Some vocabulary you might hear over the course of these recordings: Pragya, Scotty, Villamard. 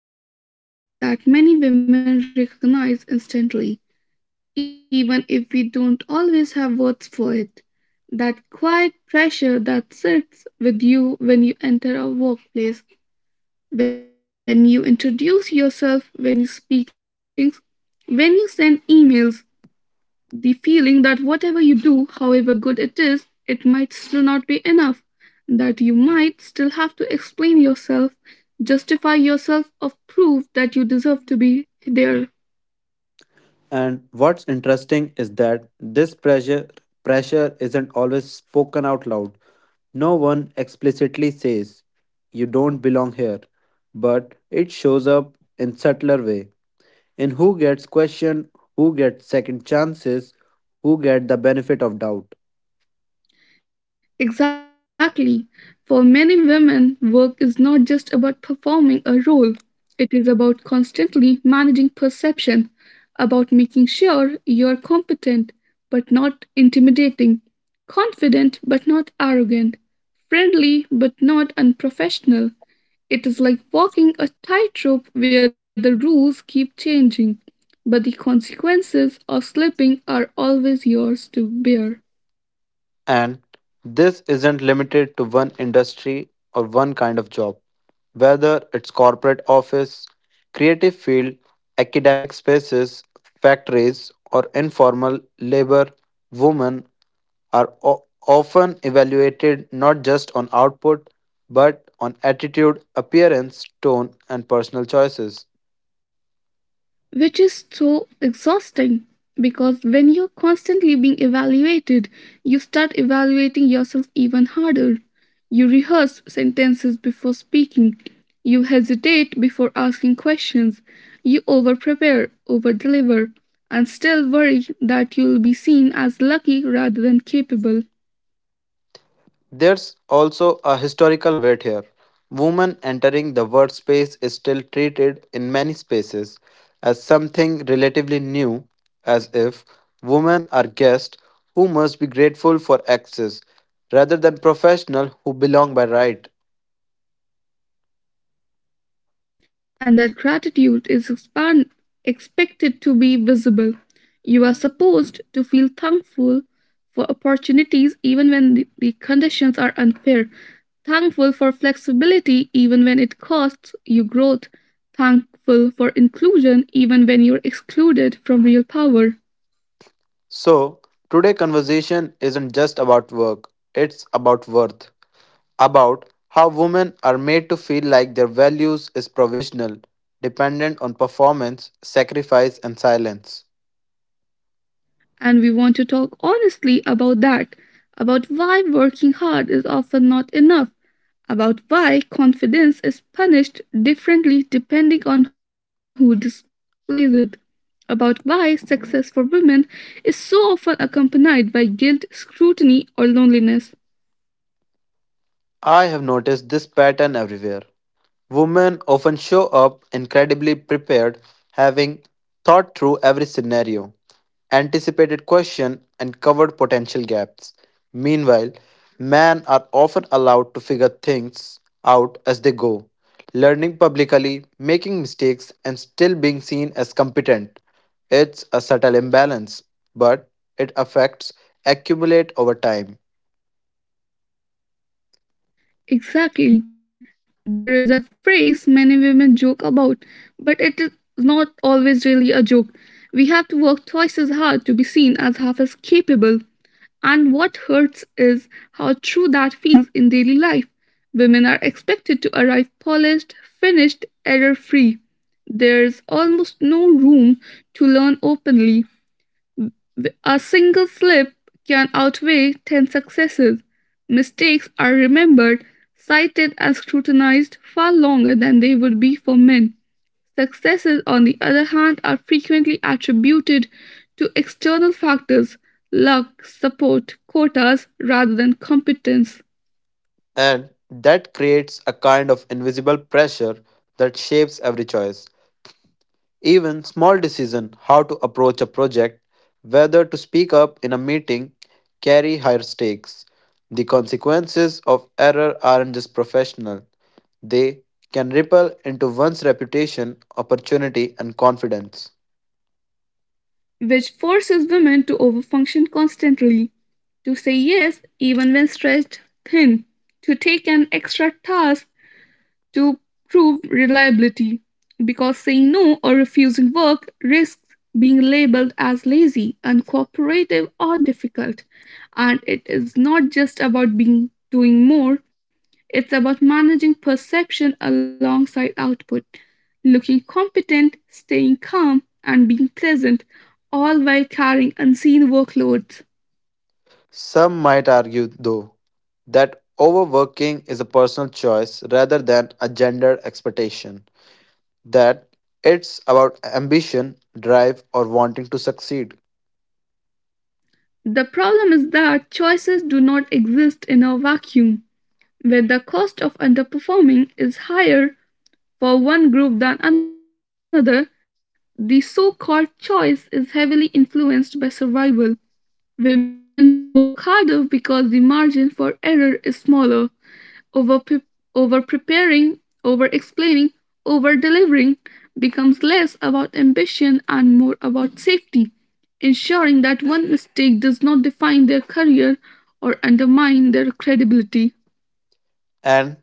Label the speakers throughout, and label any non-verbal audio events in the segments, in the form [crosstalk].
Speaker 1: To start today with a feeling that many women recognize instantly, even if we don't always have words for it. That quiet pressure that sits with you when you enter a workplace, when you introduce yourself, when you speak in meetings, when you send emails, the feeling that whatever you do, however good it is, it might still not be enough, that you might still have to explain yourself, justify yourself, or prove that you deserve to be there.
Speaker 2: And what's interesting is that this pressure isn't always spoken out loud. No one explicitly says you don't belong here, but it shows up in subtler way. In who gets questioned, who gets second chances, who get the benefit of doubt.
Speaker 1: Exactly. For many women, work is not just about performing a role, it is about constantly managing perception, about making sure you're competent but not intimidating, confident but not arrogant, friendly but not unprofessional. It is like walking a tightrope where the rules keep changing, but the consequences of slipping are always yours to bear.
Speaker 2: And this isn't limited to one industry or one kind of job. Whether it's corporate office, creative field, academic spaces, factories, or informal labor, women are often evaluated not just on output but on attitude, appearance, tone, and personal choices.
Speaker 1: Which is so exhausting, because when you're constantly being evaluated, you start evaluating yourself even harder. You rehearse sentences before speaking, you hesitate before asking questions, you over prepare, over deliver, and still worry that you'll be seen as lucky rather than capable.
Speaker 2: There's also a historical weight here. Women entering the workspace is still treated in many spaces as something relatively new, as if women are guests who must be grateful for access rather than professionals who belong by right.
Speaker 1: And that gratitude is expected to be visible. You are supposed to feel thankful for opportunities even when the conditions are unfair, thankful for flexibility even when it costs you growth, thankful for inclusion even when you're excluded from real power.
Speaker 2: So, today conversation isn't just about work, it's about worth, about how women are made to feel like their values is provisional, dependent on performance, sacrifice and silence.
Speaker 1: And we want to talk honestly about that, about why working hard is often not enough, about why confidence is punished differently depending on who displays it, about why success for women is so often accompanied by guilt, scrutiny, or loneliness.
Speaker 2: I have noticed this pattern everywhere. Women often show up incredibly prepared, having thought through every scenario, anticipated question and covered potential gaps. Meanwhile, men are often allowed to figure things out as they go, learning publicly, making mistakes and still being seen as competent. It's a subtle imbalance, but it affects accumulate over time.
Speaker 1: Exactly. There is a phrase many women joke about, but it is not always really a joke. We have to work twice as hard to be seen as capable. And what hurts is how true that feels in daily life. Women are expected to arrive polished, finished, error free. There's almost no room to learn openly. A single slip can outweigh 10 successes. Mistakes are remembered, cited, and scrutinized far longer than they would be for men. Successes, on the other hand, are frequently attributed to external factors: luck, support, quotas, rather than competence,
Speaker 2: And that creates a kind of invisible pressure that shapes every choice. Even small decision how to approach a project, whether to speak up in a meeting, carry higher stakes. The consequences of error aren't just professional. They can ripple into one's reputation, opportunity, and confidence.
Speaker 1: which forces women to overfunction constantly, to say yes even when stretched thin, to take an extra task to prove reliability, because saying no, refusing work, risks being labeled as lazy, uncooperative, or difficult. And it is not just about being doing more, it's about managing perception alongside output, looking competent, staying calm, and being pleasant, all while carrying unseen workloads.
Speaker 2: Some might argue, though, that overworking is a personal choice rather than a gendered expectation, that it's about ambition, drive, or wanting to succeed.
Speaker 1: The problem is that choices do not exist in a vacuum. Where the cost of underperforming is higher for one group than another, the so called choice is heavily influenced by survival. Women work harder because the margin for error is smaller. Over, pre- Over preparing, over explaining, over delivering becomes less about ambition and more about safety, ensuring that one mistake does not define their career or undermine their credibility.
Speaker 2: And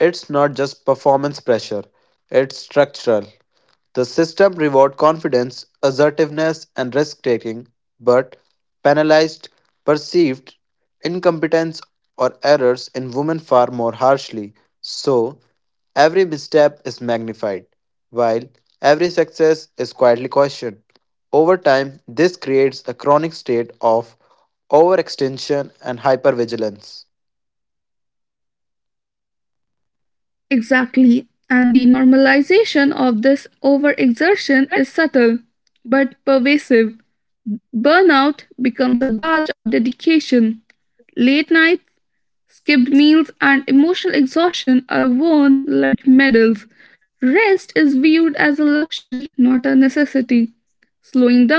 Speaker 2: it's not just performance pressure, it's structural. The system reward confidence, assertiveness, and risk taking, but penalized perceived incompetence or errors in women far more harshly. So, every misstep is magnified, while every success is quietly questioned. Over time, this creates a chronic state of overextension and hypervigilance.
Speaker 1: Exactly. And the normalization of this overexertion is subtle but pervasive. Burnout becomes a badge of dedication. Late nights, skipped meals, and emotional exhaustion are worn like medals. Rest is viewed as a luxury, not a necessity. Slowing down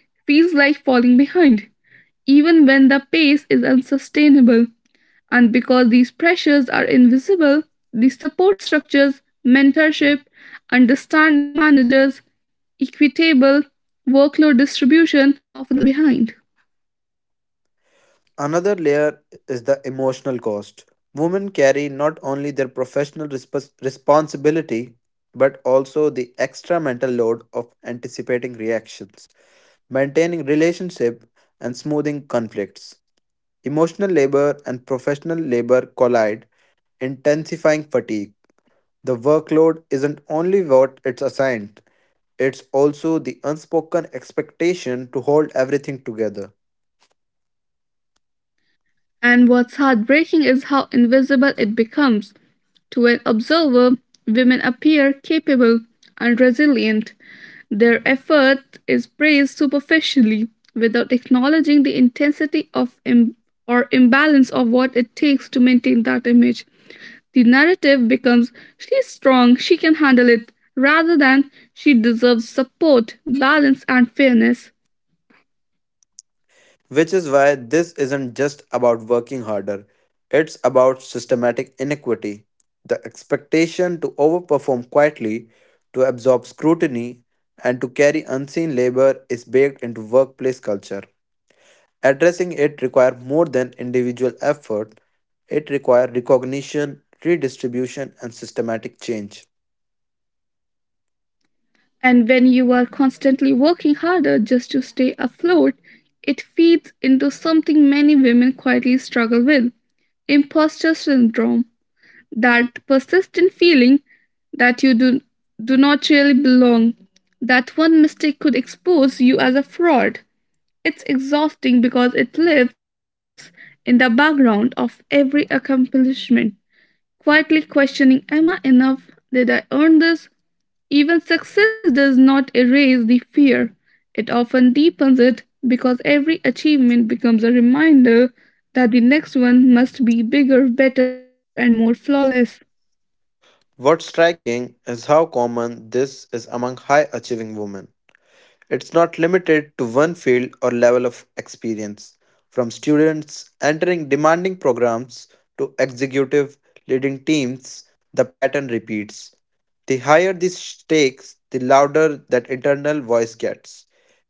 Speaker 1: feels like falling behind, even when the pace is unsustainable. And because these pressures are invisible, the support structures, mentorship, understanding managers, equitable workload distribution often lag behind.
Speaker 2: Another layer is the emotional cost. Women carry not only their professional responsibility but also the extra mental load of anticipating reactions, maintaining relationship and smoothing conflicts. Emotional labor and professional labor collide, intensifying fatigue. The workload isn't only what it's assigned, it's also the unspoken expectation to hold everything together.
Speaker 1: And what's heartbreaking is how invisible it becomes. To an observer, women appear capable and resilient. Their effort is praised superficially without acknowledging the intensity of Im- or imbalance of what it takes to maintain that image. The narrative becomes she's strong, she can handle it, rather than she deserves support, balance, and fairness.
Speaker 2: Which is why this isn't just about working harder, it's about systematic inequity. The expectation to overperform quietly, to absorb scrutiny, and to carry unseen labor is baked into workplace culture. Addressing it requires more than individual effort, it requires recognition, redistribution, and systematic change.
Speaker 1: And when you are constantly working harder just to stay afloat, it feeds into something many women quietly struggle with: imposter syndrome. That persistent feeling that do not really belong, that one mistake could expose you as a fraud. It's exhausting because it lives in the background of every accomplishment, quietly questioning: am I enough? Did I earn this? Even success does not erase the fear, it often deepens it because every achievement becomes a reminder that the next one must be bigger, better, and more flawless.
Speaker 2: What's striking is how common this is among high achieving women. It's not limited to one field or level of experience, from students entering demanding programs to executive leading teams, the pattern repeats. The higher the stakes, the louder that internal voice gets,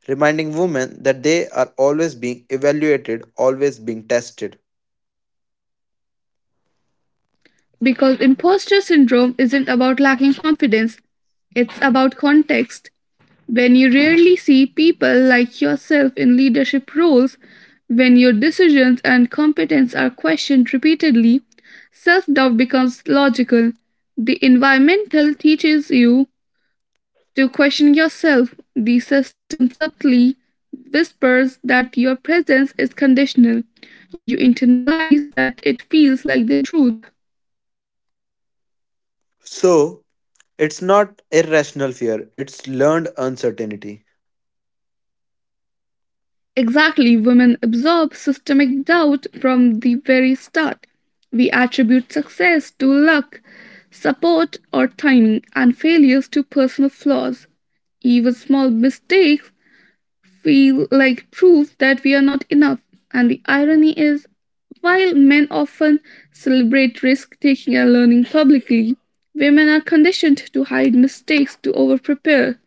Speaker 2: reminding women that they are always being evaluated, always being tested.
Speaker 1: Because imposter syndrome isn't about lacking confidence, it's about context. When you rarely see people like yourself in leadership roles, when your decisions and competence are questioned repeatedly, self doubt becomes logical. The environmental teaches you to question yourself. The system subtly whispers that your presence is conditional. You internalize that it feels like the truth.
Speaker 2: So, it's not irrational fear, it's learned uncertainty,
Speaker 1: Exactly, women absorb systemic doubt from the very start. We attribute success to luck, support, or timing, and failures to personal flaws. Even small mistakes feel like proof that we are not enough. And the irony is, while men often celebrate risk taking and learning publicly, women are conditioned to hide mistakes, to overprepare,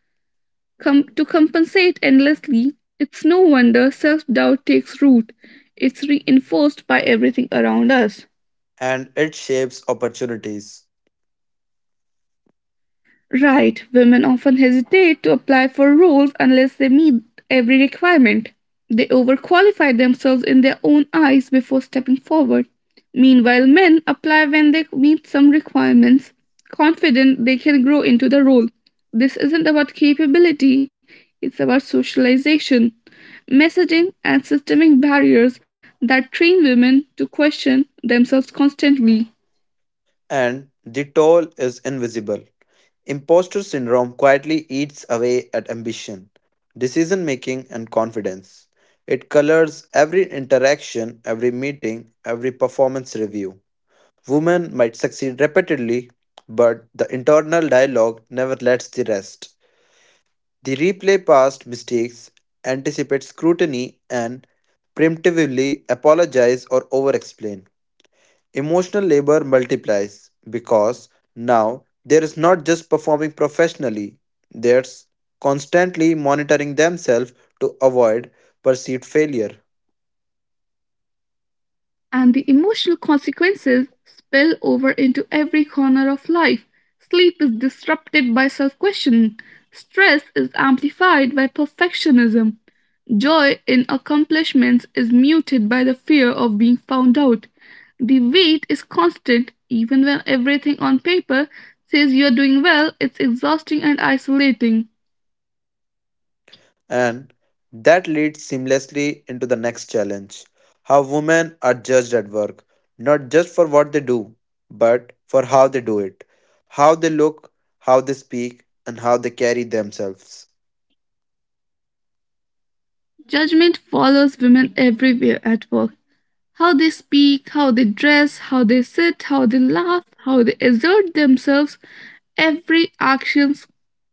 Speaker 1: to compensate endlessly. It's no wonder self doubt takes root. It's reinforced by everything around us.
Speaker 2: and it shapes opportunities.
Speaker 1: Right, women often hesitate to apply for roles unless they meet every requirement. They overqualify themselves in their own eyes before stepping forward. Meanwhile, men apply when they meet some requirements, confident they can grow into the role. This isn't about capability, it's about socialization, messaging, and systemic barriers that train women to question themselves constantly.
Speaker 2: And the toll is invisible. Imposter syndrome quietly eats away at ambition, decision making, and confidence. It colors every interaction, every meeting, every performance review. Women might succeed repeatedly, but the internal dialogue never lets the rest. They replay past mistakes, anticipate scrutiny, and preemptively apologize or over explain. Emotional labor multiplies because now there is not just performing professionally, there's constantly monitoring themselves to avoid perceived failure.
Speaker 1: And the emotional consequences spill over into every corner of life. Sleep is disrupted by self questioning, stress is amplified by perfectionism, joy in accomplishments is muted by the fear of being found out. The weight is constant, even when everything on paper says you're doing well, it's exhausting and isolating.
Speaker 2: And that leads seamlessly into the next challenge how women are judged at work, not just for what they do, but for how they do it, how they look, how they speak, and how they carry themselves.
Speaker 1: Judgment follows women everywhere at work. How they speak, how they dress, how they sit, how they laugh, how they assert themselves. Every action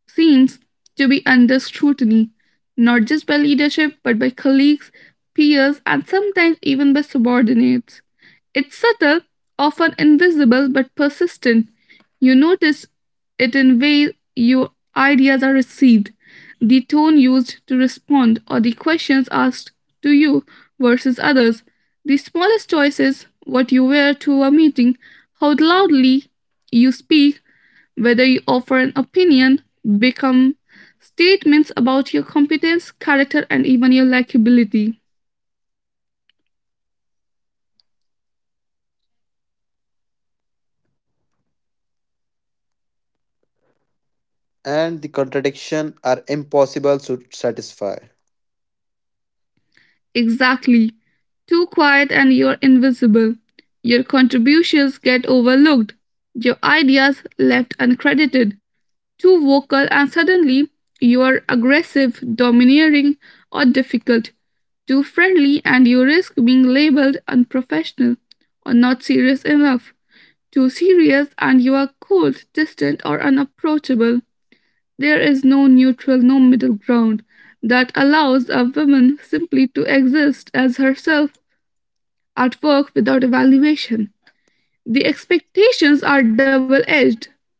Speaker 1: seems to be under scrutiny, not just by leadership, but by colleagues, peers, and sometimes even by subordinates. It's subtle, often invisible, but persistent. You notice it in ways your ideas are received, the tone used to respond, or the questions asked to you versus others. The smallest choices, what you wear to a meeting, how loudly, whether you offer an opinion, become statements about your competence, character, and even your likability.
Speaker 2: And the contradiction are impossible to satisfy.
Speaker 1: Exactly. Too quiet and you're invisible. Your contributions get overlooked. Your ideas left uncredited. Too vocal and suddenly you are aggressive, domineering, or difficult. Too friendly and you risk being labeled unprofessional or not serious enough. Too serious and you are cold, distant, or unapproachable. There is no neutral, no middle ground that allows a woman simply to exist as herself at work without evaluation. The expectations are double edged.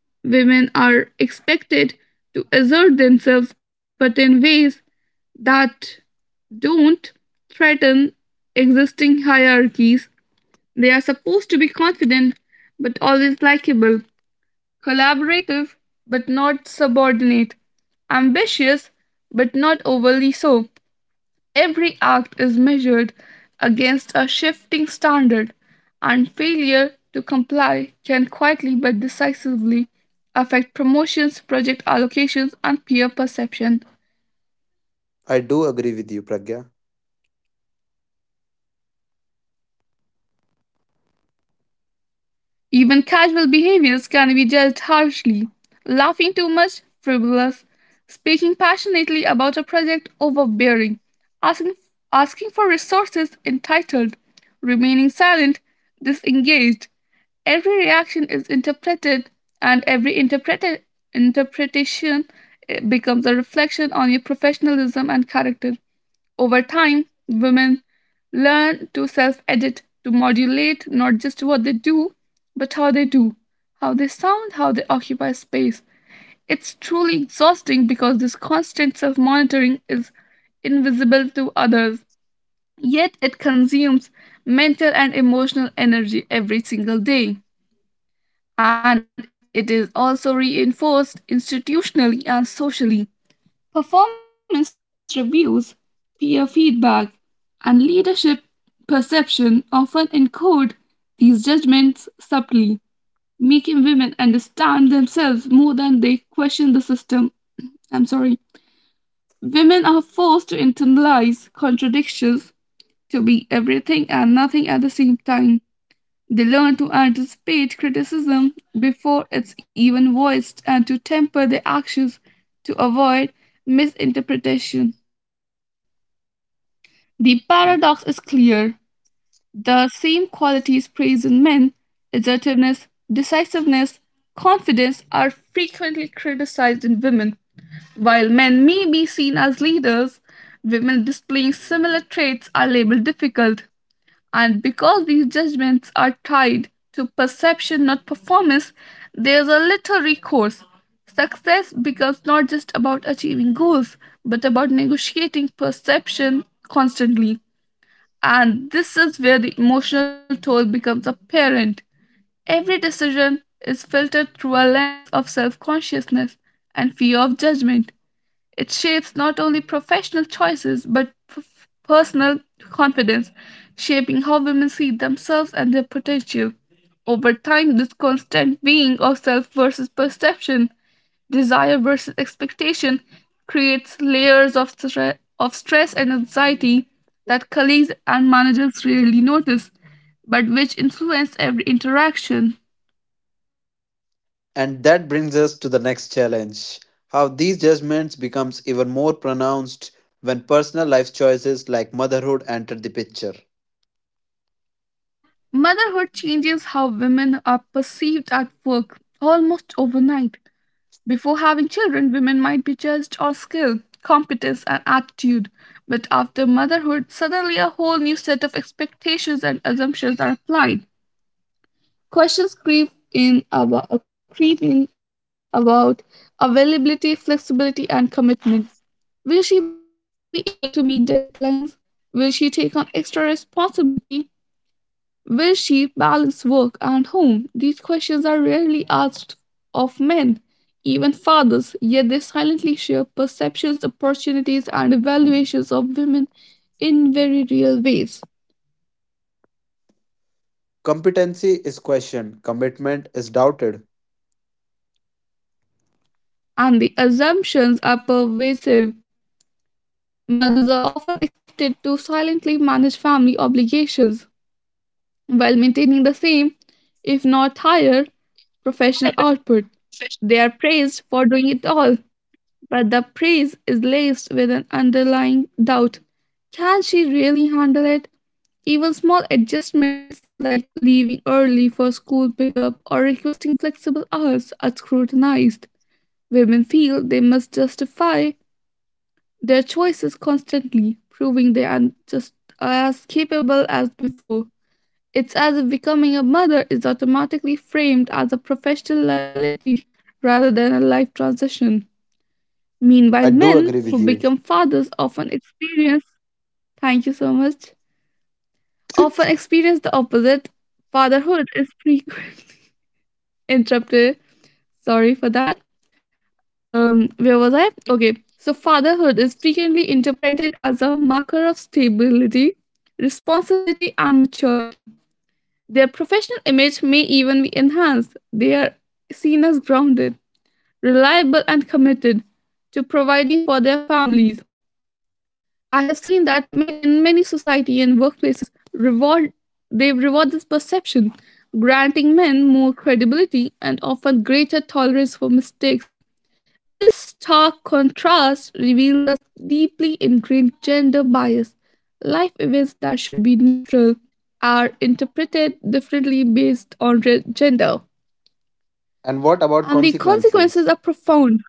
Speaker 1: Women are expected to assert themselves, but in ways that don't threaten existing hierarchies. Are supposed to be confident, but always likable, collaborative but not subordinate, ambitious but not overly so. Every act is measured against a shifting standard, and failure to comply can quietly but decisively affect promotions, project allocations, and peer perception.
Speaker 2: I do agree with you, Pragya.
Speaker 1: Even casual behaviors can be judged harshly. Laughing too much, frivolous. Speaking passionately about a project, overbearing. Asking, asking for resources, entitled. Remaining silent, disengaged. Every reaction is interpreted, and every interpretation becomes a reflection on your professionalism and character. Over time, women learn to self edit, to modulate not just what they do, but how they do, how they sound, how they occupy space. It's truly exhausting because this constant self monitoring is invisible to others, yet it consumes mental and emotional energy every single day. And it is also reinforced institutionally and socially. Performance reviews, peer feedback, and leadership perception often encode these judgments subtly, making women understand themselves more than they question the system. I'm sorry. Women are forced to internalize contradictions, to be everything and nothing at the same time. They learn to anticipate criticism before it's even voiced and to temper their actions to avoid misinterpretation. The paradox is clear. The same qualities praised in men, assertiveness, decisiveness, confidence, are frequently in women. While men may be seen as leaders, women displaying similar traits are labeled difficult. And because these judgments are tied to perception, not performance, there's a little recourse. Success becomes not just about achieving goals, but about negotiating perception constantly. And this is where the emotional toll becomes apparent. Every decision is filtered through a lens of self consciousness and fear of judgment. It shapes not only professional choices but personal confidence, shaping how women see themselves and their potential. Over time, this constant weighing of self versus perception, desire versus expectation, creates layers of of stress and anxiety that colleagues and managers rarely notice, but which influence every interaction.
Speaker 2: And that brings us to the next challenge how these judgments becomes even more pronounced when personal life choices like motherhood enter the picture.
Speaker 1: Motherhood changes how women are perceived at work almost overnight. Before having children, women might be judged on skill, competence, and attitude. But after motherhood, suddenly a whole new set of expectations and assumptions are applied. Questions creep in about availability, flexibility, and commitment. Will she be able to meet deadlines? Will she take on extra responsibility? Will she balance work and home? These questions are rarely asked of men, even fathers, yet they silently shape perceptions, opportunities, and evaluations of women in very real ways.
Speaker 2: Competency is questioned, commitment is doubted.
Speaker 1: And the assumptions are pervasive. Mothers are often expected to silently manage family obligations while maintaining the same, if not higher, professional output. They are praised for doing it all, but the praise is laced with an underlying doubt. Can she really handle it? Even small adjustments like leaving early for school pickup or requesting flexible hours are scrutinized. Women feel they must justify their choices constantly, proving they are just as capable as before. It's as if becoming a mother is automatically framed as a professional liability rather than a life transition. Meanwhile,
Speaker 2: I
Speaker 1: men
Speaker 2: do
Speaker 1: who
Speaker 2: agree with
Speaker 1: become
Speaker 2: you.
Speaker 1: fathers often experience, thank you so much, often experience the opposite. Fatherhood is frequently [laughs] interrupted. Sorry for that. Where was I? Okay. So fatherhood is frequently interpreted as a marker of stability, responsibility, and maturity. Their professional image may even be enhanced. They are seen as grounded, reliable, and committed to providing for their families. I have seen that in many society and workplaces reward this perception, granting men more credibility and often greater tolerance for mistakes. This stark contrast reveals a deeply ingrained gender bias. Life events that should be are interpreted differently based on gender.
Speaker 2: And what
Speaker 1: And
Speaker 2: about
Speaker 1: the consequences are
Speaker 2: consequences?
Speaker 1: profound.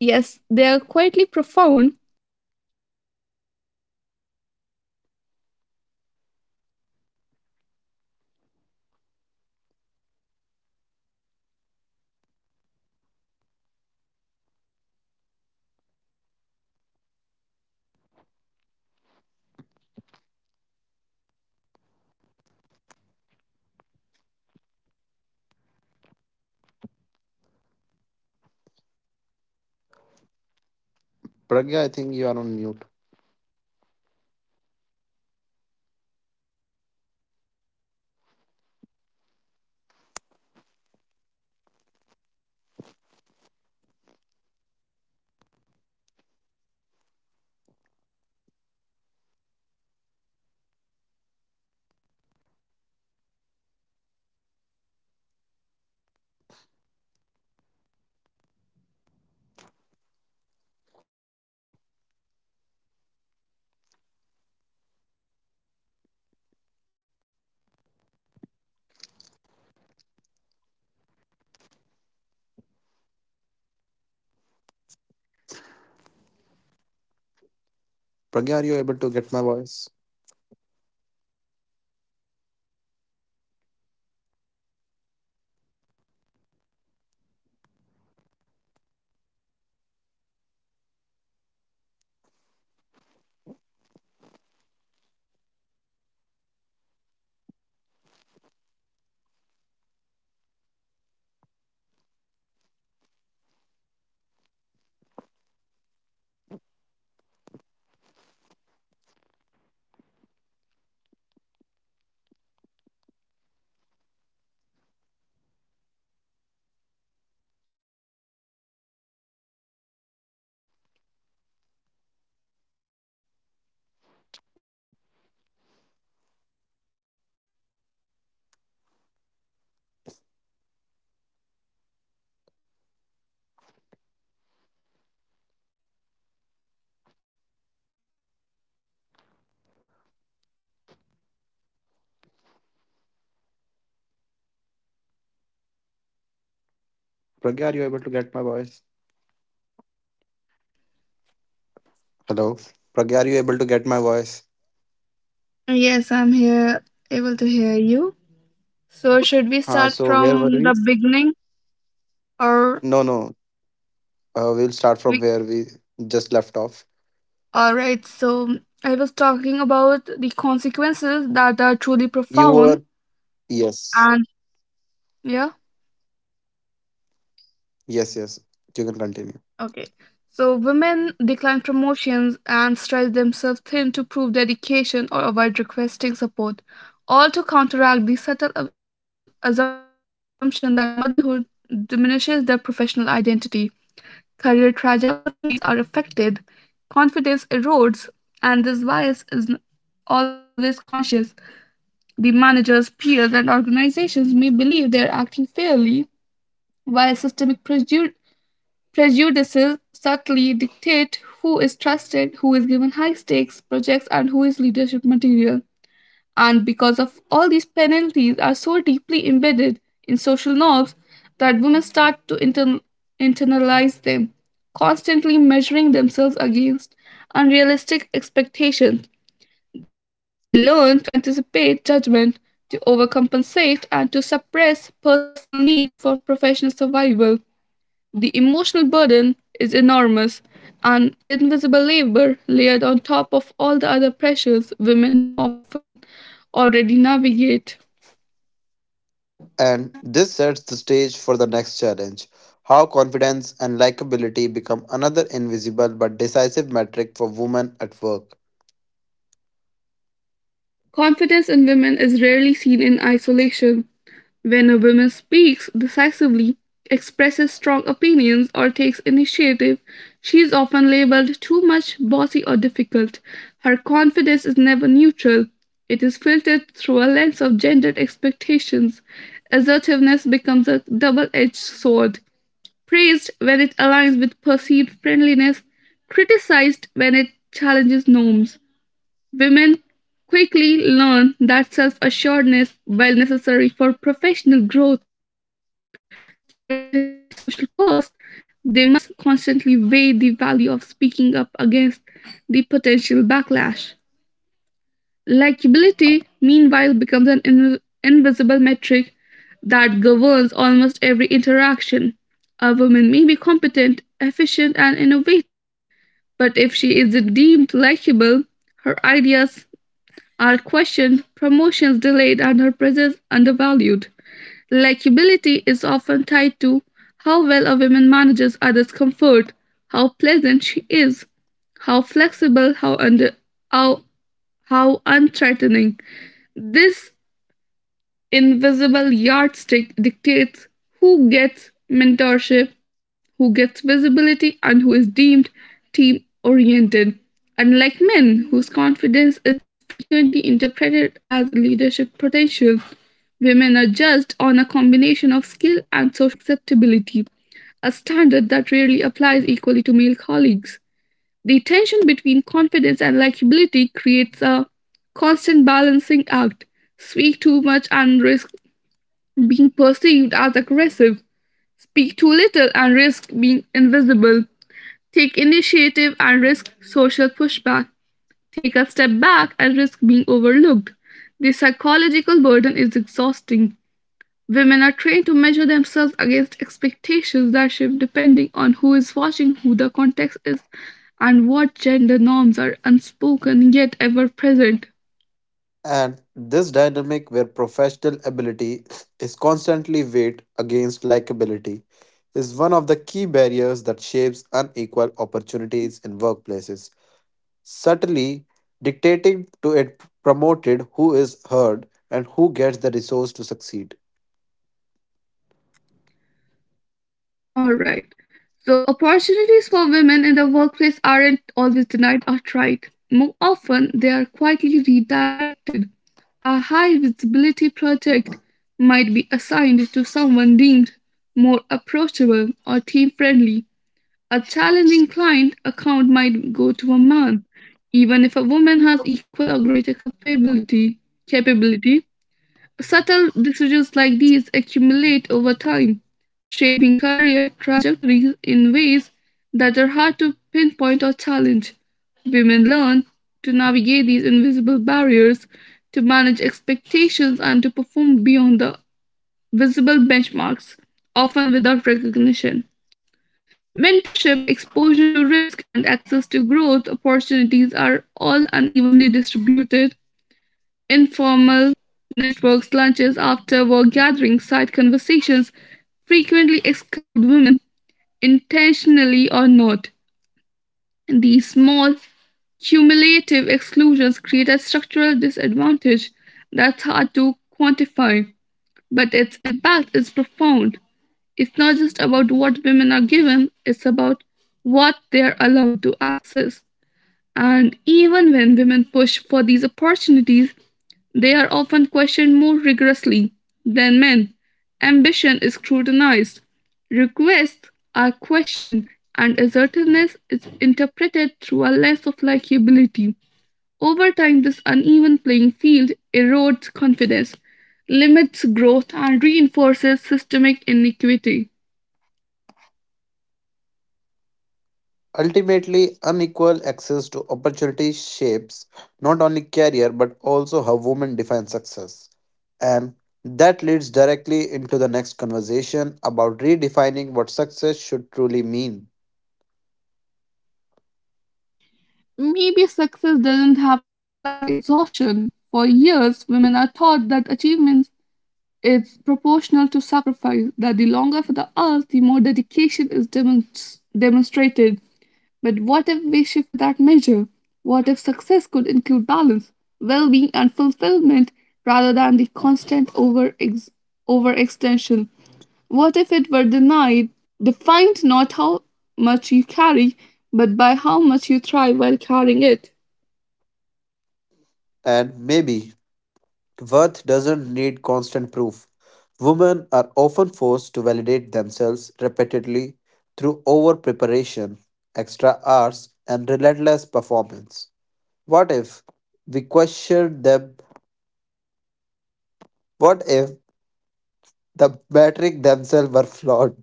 Speaker 1: Yes, they are quietly profound. Women may decline promotions, stretch themselves thin to prove dedication, or avoid requesting support, all to counteract the subtle assumption that motherhood diminishes their professional identity. Career trajectories are affected, confidence erodes, and this bias isn't always conscious. Managers, peers, and organizations may believe they are acting fairly, while systemic
Speaker 2: Pragya, I think you are on mute.
Speaker 1: prejudices subtly dictate who is trusted, who is given high stakes projects, and who is leadership material. And because these penalties are so deeply embedded into social norms, women internalize them, constantly measuring themselves against unrealistic expectations. They learn to anticipate judgment, to compensate, and to suppress personal needs for professional survival. The emotional burden is enormous, an invisible labor layered on top of all the other pressures women already navigate.
Speaker 2: Pragya, are you able to get my voice? Pragya, are you able to get my voice? Hello. Pragya, are you able to get my voice?
Speaker 1: Yes, I'm here, able to hear you.
Speaker 2: Huh,
Speaker 1: So, should
Speaker 2: so
Speaker 1: we
Speaker 2: where were
Speaker 1: start
Speaker 2: we?
Speaker 1: from the beginning
Speaker 2: No, no.
Speaker 1: or
Speaker 2: We'll start from where we
Speaker 1: we?
Speaker 2: just left off.
Speaker 1: All right. So, I was talking about the
Speaker 2: You were,
Speaker 1: consequences that are truly
Speaker 2: yes,
Speaker 1: profound, and yeah,
Speaker 2: yes. You can continue.
Speaker 1: okay. So, women decline promotions and stretch themselves thin to prove dedication or avoid requesting support, all to counteract the subtle assumption that motherhood diminishes their professional identity. Career trajectories are affected, confidence erodes, and this bias always conscious. The managers, peers, and organizations may believe they are acting fairly, while systemic prejudices subtly dictate who is trusted, who is given high stakes projects, and who is leadership material. And because of all these penalties are so deeply embedded in social norms that women start to internalize them, constantly measuring themselves against unrealistic expectations. They learn to anticipate judgment, to overcompensate, and to suppress personal needs for professional survival. The emotional burden is enormous, an invisible labor layered on top of all the other pressures women often already navigate.
Speaker 2: And this sets the stage for the next challenge how confidence and likability become another invisible but decisive metric for women at work.
Speaker 1: Confidence in women is rarely seen in isolation. When a woman speaks decisively, expresses strong opinions, or takes initiative, she is often labeled too much, bossy, or difficult. Her confidence is never neutral, it is filtered through a lens of gendered expectations. Assertiveness becomes a double edged sword, praised when it aligns with perceived friendliness, criticized when it challenges norms. Women quickly learn that self assuredness, while necessary for professional growth, carries hidden social costs. They must constantly weigh the value of speaking up against the potential backlash. Likability, meanwhile, becomes an invisible metric that governs almost every interaction. A woman may be competent, efficient, and innovative, but if she is deemed likable, her ideas are questioned, promotions delayed, and her presence undervalued. Likability is often tied to how well a woman manages others' comfort, how pleasant she is, how flexible, how under how how unthreatening. This invisible yardstick dictates who gets mentorship, who gets visibility, and who is deemed team oriented. Unlike men, whose confidence is frequently interpreted as leadership potential, women are judged on a combination of skill and social acceptability, a standard that rarely applies equally to male colleagues. The tension between confidence and creates a constant balancing act. Speak too much and risk being perceived as aggressive, speak too little and risk being invisible, take initiative and risk social pushback, take a step back and risk being overlooked. The psychological burden is exhausting. Women are trained measure themselves against expectations that shift depending on who is watching, who the context is, and what gender norms are unspoken yet ever present.
Speaker 2: And this dynamic where professional ability is constantly weighed against likability is one of the key barriers that shapes unequal opportunities in workplaces, subtly dictating to it promoted who is heard and who gets the resource to succeed.
Speaker 1: All right. So, opportunities for women in the workplace aren't always denied outright. More often, they are quietly redirected. A high visibility project might be assigned to someone deemed more approachable or team friendly. A challenging client account might go to a man, even if a woman has equal or greater capability. Capabilities. Subtle decisions like these accumulate over time, shaping career trajectories in ways that are hard to pinpoint or challenge. Women learn to navigate these invisible barriers, to manage expectations, and to perform beyond the visible benchmarks, often without recognition. Mentorship, exposure to risk, and access to growth opportunities are all unevenly distributed. Informal networks, lunches, after work gatherings, side conversations frequently exclude women intentionally or not. And these small cumulative exclusions create a structural disadvantage that's hard to quantify, but its impact is profound. It's not just about what women are given, it's about what they're allowed to access. And even when women push for these opportunities, they are often questioned more rigorously than men. Ambition is scrutinized, requests are questioned, and assertiveness is interpreted through a lens of likability. Over time, this uneven playing field erodes confidence, limits growth, and reinforces systemic inequity.
Speaker 2: Ultimately, unequal access to opportunity shapes not only career but also how women define success. And that leads directly into the next conversation about redefining what success should truly mean.
Speaker 1: Maybe success doesn't have to look like exhaustion. For years, women are taught that achievements is proportional to sacrifice, that the longer for the earth, the more dedication is demonstrated. But what if measure? What if success could include balance, well being, and fulfillment rather than the constant overextension? What if it were denied, defined not how much you carry, but by how much you thrive while carrying it?
Speaker 2: And maybe worth doesn't need constant proof. Women are often forced to validate themselves repeatedly through over preparation, extra hours, and relentless performance. What if we questioned them? What if the metric themselves were flawed?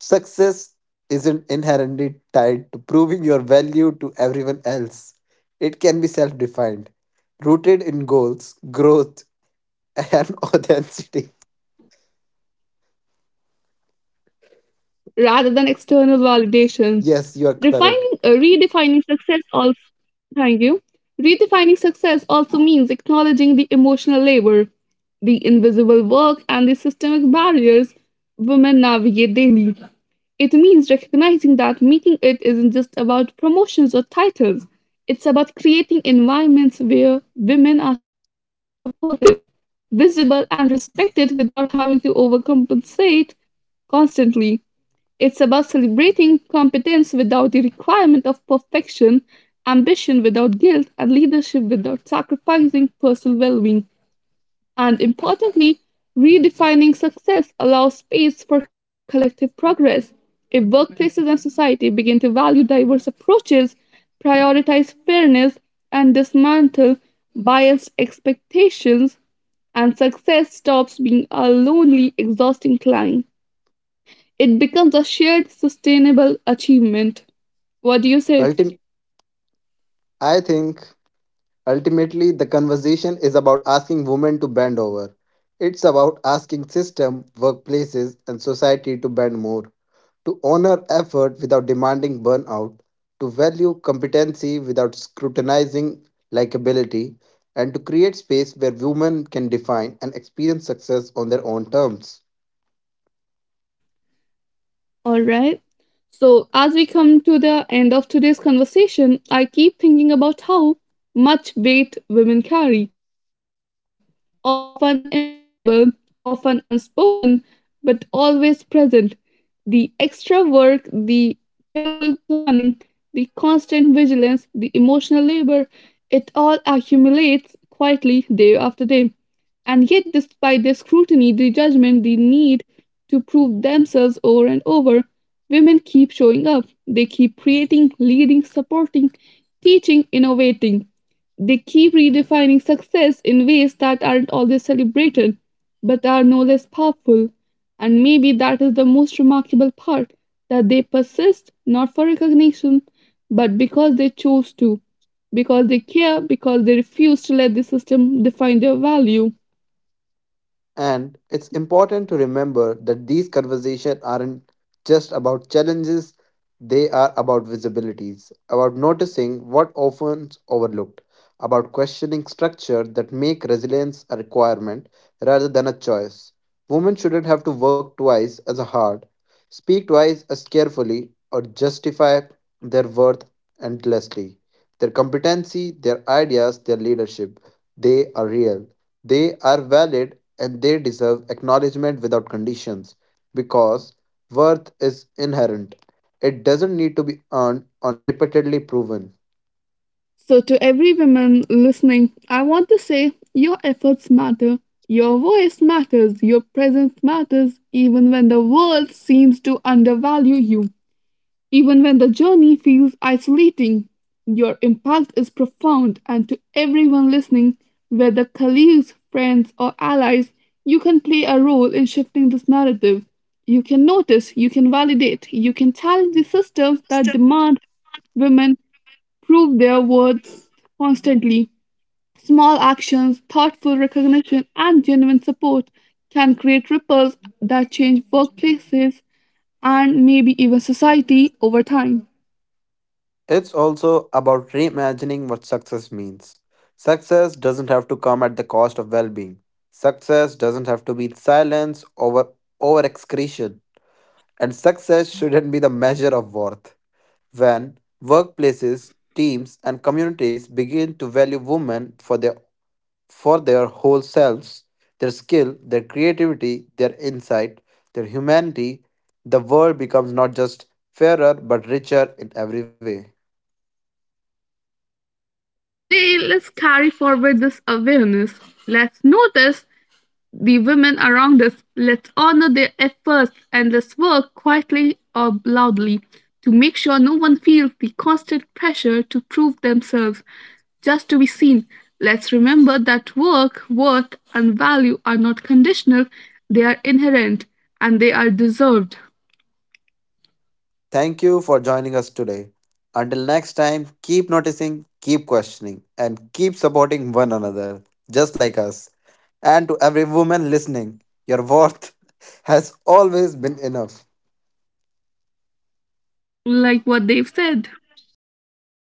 Speaker 2: Success isn't inherently tied to proving your value to everyone else, it can be self defined, rooted in goals, growth, [laughs] and authenticity.
Speaker 1: Rather than external validation.
Speaker 2: Yes, you are correct.
Speaker 1: Redefining success also, thank you. Redefining success also means acknowledging the emotional labor, the invisible work, and the systemic barriers women navigate daily. It means recognizing that meeting it isn't just about promotions or titles. It's about creating environments where women are supported, visible, and respected without having to overcompensate constantly. It's about celebrating competence without the requirement of perfection, ambition without guilt, and leadership without sacrificing personal well being. And importantly, redefining success allows space for collective progress. If workplaces and society begin to value diverse approaches, prioritize fairness, and dismantle biased expectations, and success stops being a lonely, exhausting climb. It becomes a shared sustainable achievement. What do you say?
Speaker 2: Ultim- I think ultimately the conversation is about asking women to bend over. It's about asking system, workplaces, and society to bend more, to honor effort without demanding burnout, to value competency without scrutinizing likability, and to create space where women can define and experience success on their own terms.
Speaker 1: All right. So, as we come to the end of today's conversation, I keep thinking about how much weight women carry, often invisible, often unspoken, but always present. The extra work, the careful planning, the constant vigilance, the emotional labor, it all accumulates quietly day after day. And yet, despite the judgment, the need to prove themselves over and over, women keep showing up. They keep creating, leading, supporting, teaching, innovating. They keep redefining success in ways that aren't always celebrated, but are no less powerful. And maybe that is the most remarkable part that they persist not for recognition, but because they chose to because they care, because they refuse to let the system define their value.
Speaker 2: And it's important to remember that these conversations aren't just about challenges, they are about visibilities, about noticing what often is overlooked, about questioning structure that make resilience a requirement rather than a choice. Women shouldn't have to work twice as hard, speak twice as carefully, or justify their worth endlessly. Their competency, their ideas, their leadership, they are real, they are valid and they deserve acknowledgement without conditions because worth is inherent. It doesn't need to be earned or repeatedly proven.
Speaker 1: So, to every woman listening, I want to say your efforts matter, your voice matters, your presence matters, even when the world seems to undervalue you. Even when the journey feels isolating, your impact is profound, and to everyone listening, whether colleagues, friends, or allies, you can play a role in shifting this narrative. You can notice, you can validate, you can challenge the systems that demand women prove their worth constantly. Small actions, thoughtful recognition, and genuine support can create ripples that change workplaces and maybe even society over time.
Speaker 2: It's also about reimagining what success means. Success doesn't have to come at the cost of well being. Success doesn't have to be silence over over excretion. And success shouldn't be the measure of worth. When workplaces, teams, and communities begin to value women for their whole selves, their skill, their creativity, their insight, their humanity, the world becomes not just fairer but richer in every way.
Speaker 1: So today, let's carry forward this awareness. Let's notice the women around us. Let's honor their efforts and let's work quietly or loudly to make sure no one feels the constant pressure to prove themselves just to be seen. Let's remember that work, worth, and value are not conditional, they are inherent and they are deserved.
Speaker 2: Thank you for joining us today. Until next time, keep noticing, keep questioning, and keep supporting one another, just like us. And to every woman listening, your worth [laughs] has always been enough.
Speaker 1: Like what they've said,